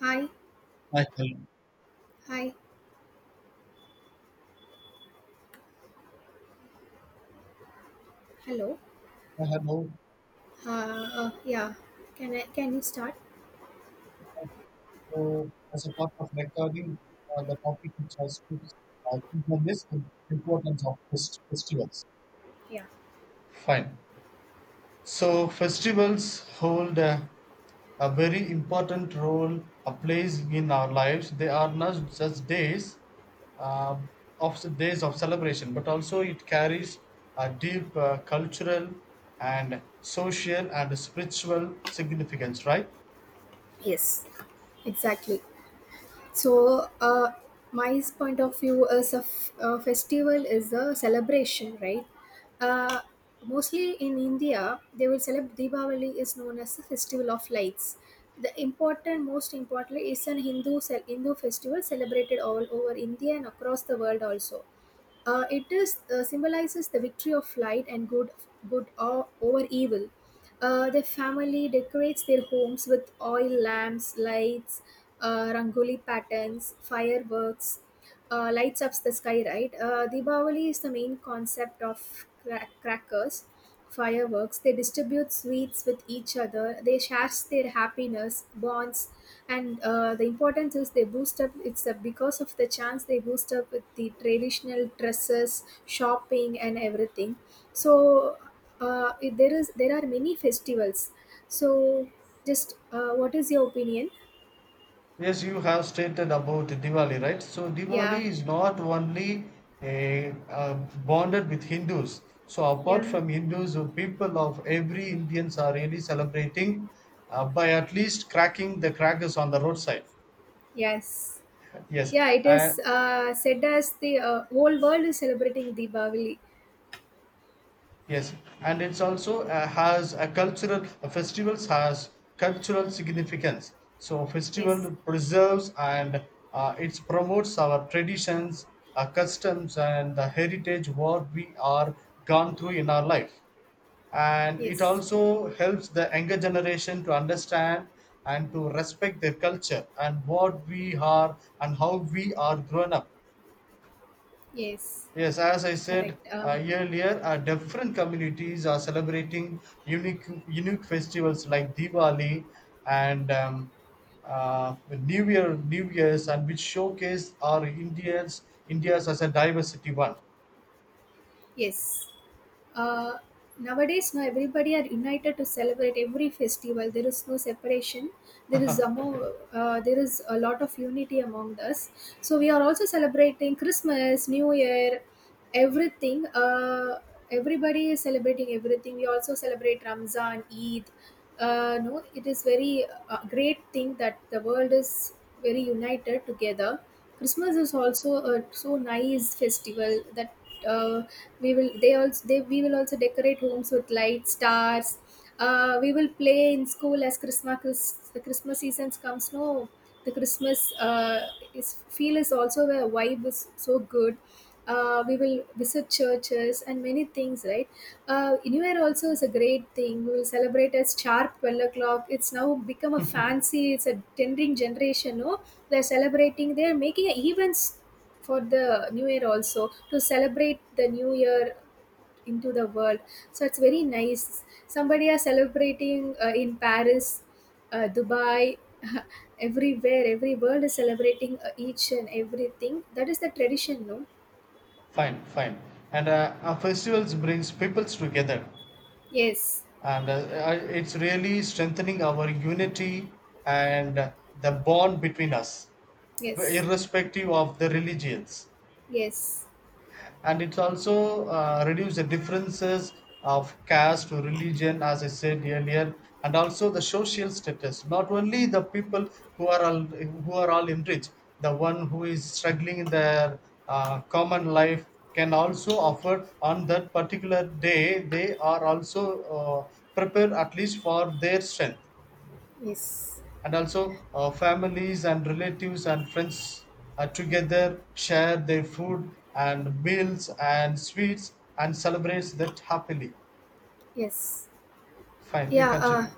Hi, Hi, hello. hi, hello. Hi, hello. Uh, uh, yeah, can you start? So, as a part of recording the topic which I spoke, I think that is the importance of festivals. Yeah, Fine. So, festivals hold a very important role, a place in our lives. They are not just uh, days of celebration, but also it carries a deep cultural and social and spiritual significance. Right? Yes. Exactly. So, my point of view is a festival is a celebration, right? Uh, Mostly in India, they will celebrate Diwali is known as the festival of lights. The important, most importantly, is an Hindu festival celebrated all over India and across the world also. It is symbolizes the victory of light and good over evil. The family decorates their homes with oil lamps, lights, rangoli patterns, fireworks, lights up the sky. Right, Diwali is the main concept of crackers, fireworks. They distribute sweets with each other. They share their happiness, bonds, and the importance is they boost up. It's Because of the chance, they boost up with the traditional dresses, shopping, and everything. So there are many festivals. So just, what is your opinion? Yes, you have stated about Diwali, right? So Diwali Yeah, is not only a, uh, bonded with Hindus. So apart yeah, from Hindus, people of every Indians are really celebrating by at least cracking the crackers on the roadside. yes. Yes, Yeah, it and is said as the whole world is celebrating Diwali. Yes, and it's also has a cultural significance. So Yes, festival preserves and it promotes our traditions, our customs, and the heritage what we are gone through in our life. And it yes, also helps the younger generation to understand and to respect their culture and what we are and how we are grown up. yes. Yes, as I Correct. said earlier, different communities are celebrating unique festivals like Diwali and New Year, New Year's, and which showcase our Indians India's as a diversity one. Yes. Uh, nowadays, now everybody are united to celebrate every festival. There is no separation. There is there is a lot of unity among us. So we are also celebrating Christmas, New Year, everything. Everybody is celebrating everything. We also celebrate Ramzan, Eid. No, it is very great thing that the world is very united together. Christmas is also a so nice festival that uh, we will they also they we will also decorate homes with lights, stars, we will play in school as the christmas season comes, no, the christmas uh, is feel is also where vibe is so good. We will visit churches and many things, right? Anywhere also is a great thing, we will celebrate as sharp 12 o'clock, it's now become a fancy, it's a tendering generation, no, they're celebrating, they're making a events for the new year, also to celebrate the new year into the world. So it's very nice, somebody are celebrating in paris, dubai everywhere, every world is celebrating each and everything, that is the tradition, no. Fine, fine. And our festivals brings peoples together, Yes, and it's really strengthening our unity and the bond between us, yes, irrespective of the religions. yes, And it's also reduce the differences of caste or religion as I said earlier, and also the social status, not only the people who are all enriched, the one who is struggling in their common life can also offer on that particular day. They are also prepared at least for their strength, yes, and also families and relatives and friends are together, share their food and meals and sweets and celebrates that happily. yes. Fine, you Yeah, continue.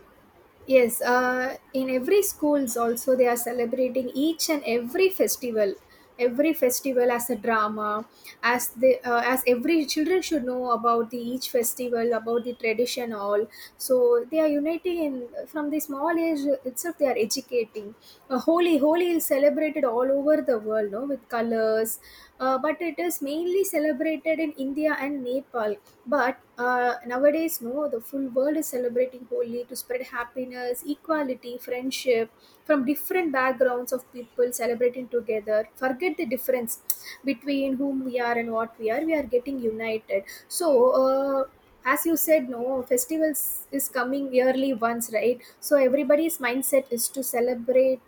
yes. In every schools also they are celebrating each and every festival. Every festival as a drama, as the as every children should know about the each festival, about the tradition, all. So they are uniting in from the small age itself. They are educating. Holi, Holi is celebrated all over the world, no, with colors, but it is mainly celebrated in India and Nepal. But nowadays, no, the full world is celebrating Holi to spread happiness, equality, friendship from different backgrounds of people celebrating together. Forget the difference between whom we are and what we are. We are getting united. So. As you said, no, festivals is coming yearly once, right, so everybody's mindset is to celebrate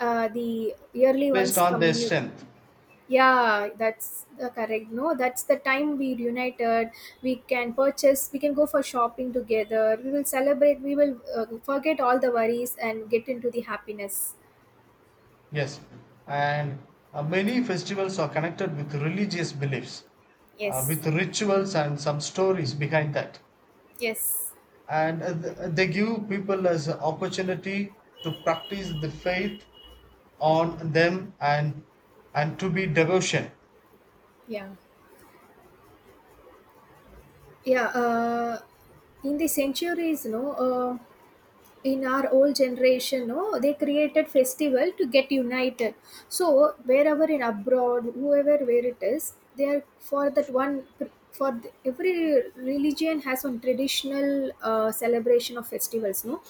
the yearly Based ones on their coming. strength. Yeah, that's the correct, no, that's the time we reunited, we can purchase, we can go for shopping together, we will celebrate, we will forget all the worries and get into the happiness. Yes, and many festivals are connected with religious beliefs, Yes, with rituals and some stories behind that, yes. and they give people as an opportunity to practice the faith on them, and to be devotion. Yeah, yeah, in the centuries, no, in our old generation, no, they created festival to get united, so wherever in abroad, whoever, where it is, they are for that one. For the, every religion has one traditional celebration of festivals, no,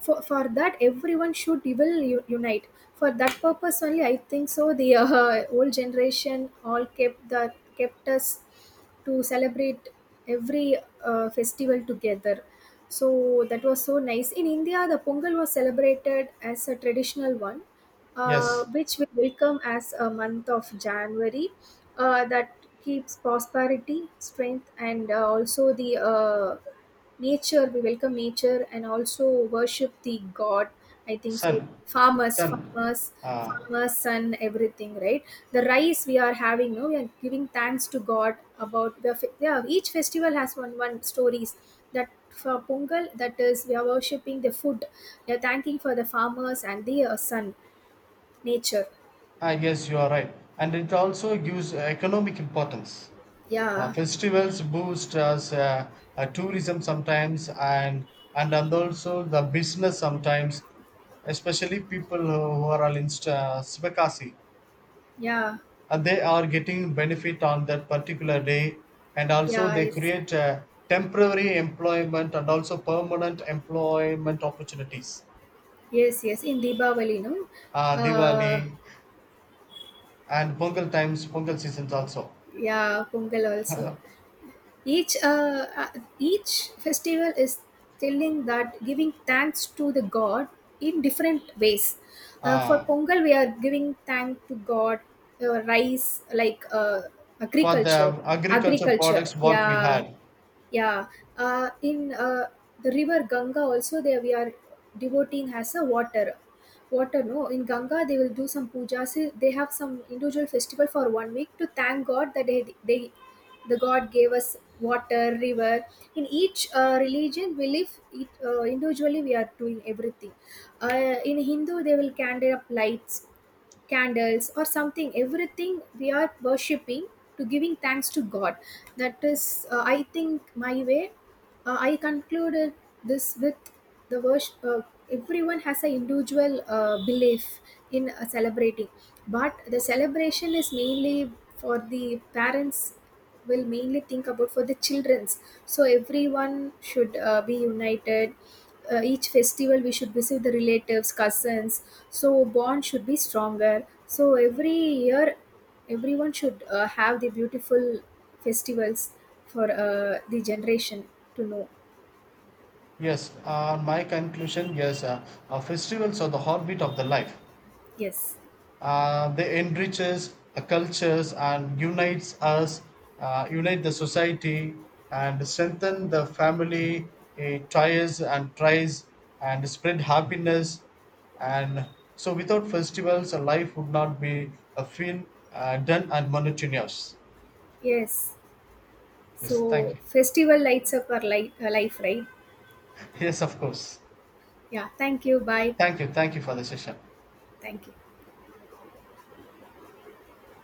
for, for that everyone should unite, for that purpose only, I think so the old generation all kept the kept us to celebrate every festival together. So that was so nice. In india, the pongal was celebrated as a traditional one, Yes, which we welcome as a month of January, that keeps prosperity, strength, and also the nature. We welcome nature and also worship the God. I think son, so. Farmers, son. farmers, Uh, farmers, sun, everything, right? The rice we are having, no, we are giving thanks to God about the yeah. Each festival has one stories, that for Pongal, that is, we are worshipping the food. We are thanking for the farmers and the sun. Nature. I guess you are right. And it also gives economic importance. Yeah, Festivals boost us tourism sometimes, and and also the business sometimes, especially people who are all in Sivakasi, yeah, and they are getting benefit on that particular day, and also yeah. they Yes, create temporary employment and also permanent employment opportunities. yes, yes. In Deepavali, no. Uh, Diwali, and Pongal times, Pongal seasons also. yeah, Pongal also. Each each festival is telling that giving thanks to the God in different ways. For Uh, Pongal, we are giving thanks to God. Rice, like for agriculture, the agriculture agriculture. products, what we Yeah, had. yeah, in the river Ganga also, there we are devoting has a water, water, no. In Ganga they will do some pujas. They have some individual festival for 1 week to thank God that the God gave us water, river. In each religion we live it, individually. We are doing everything. In Hindu they will candle up lights, candles or something, everything we are worshipping to giving thanks to god, that is I think my way, I concluded this with the worship. Everyone has an individual belief in celebrating, but the celebration is mainly for the parents, will mainly think about for the children's, so everyone should be united, each festival we should visit the relatives, cousins, so bond should be stronger, so every year everyone should have the beautiful festivals for the generation to know. Yes, my conclusion, yes, festivals are the heartbeat of the life. Yes, They enriches the cultures and unites us, unite the society and strengthen the family, ties and tries and spread happiness, and so without festivals, a life would not be a feel done and monotonous. yes, Yes, thank so you. festival lights up our life, right? Yes, of course. Yeah, thank you, bye. Thank you. Thank you for the session. Thank you.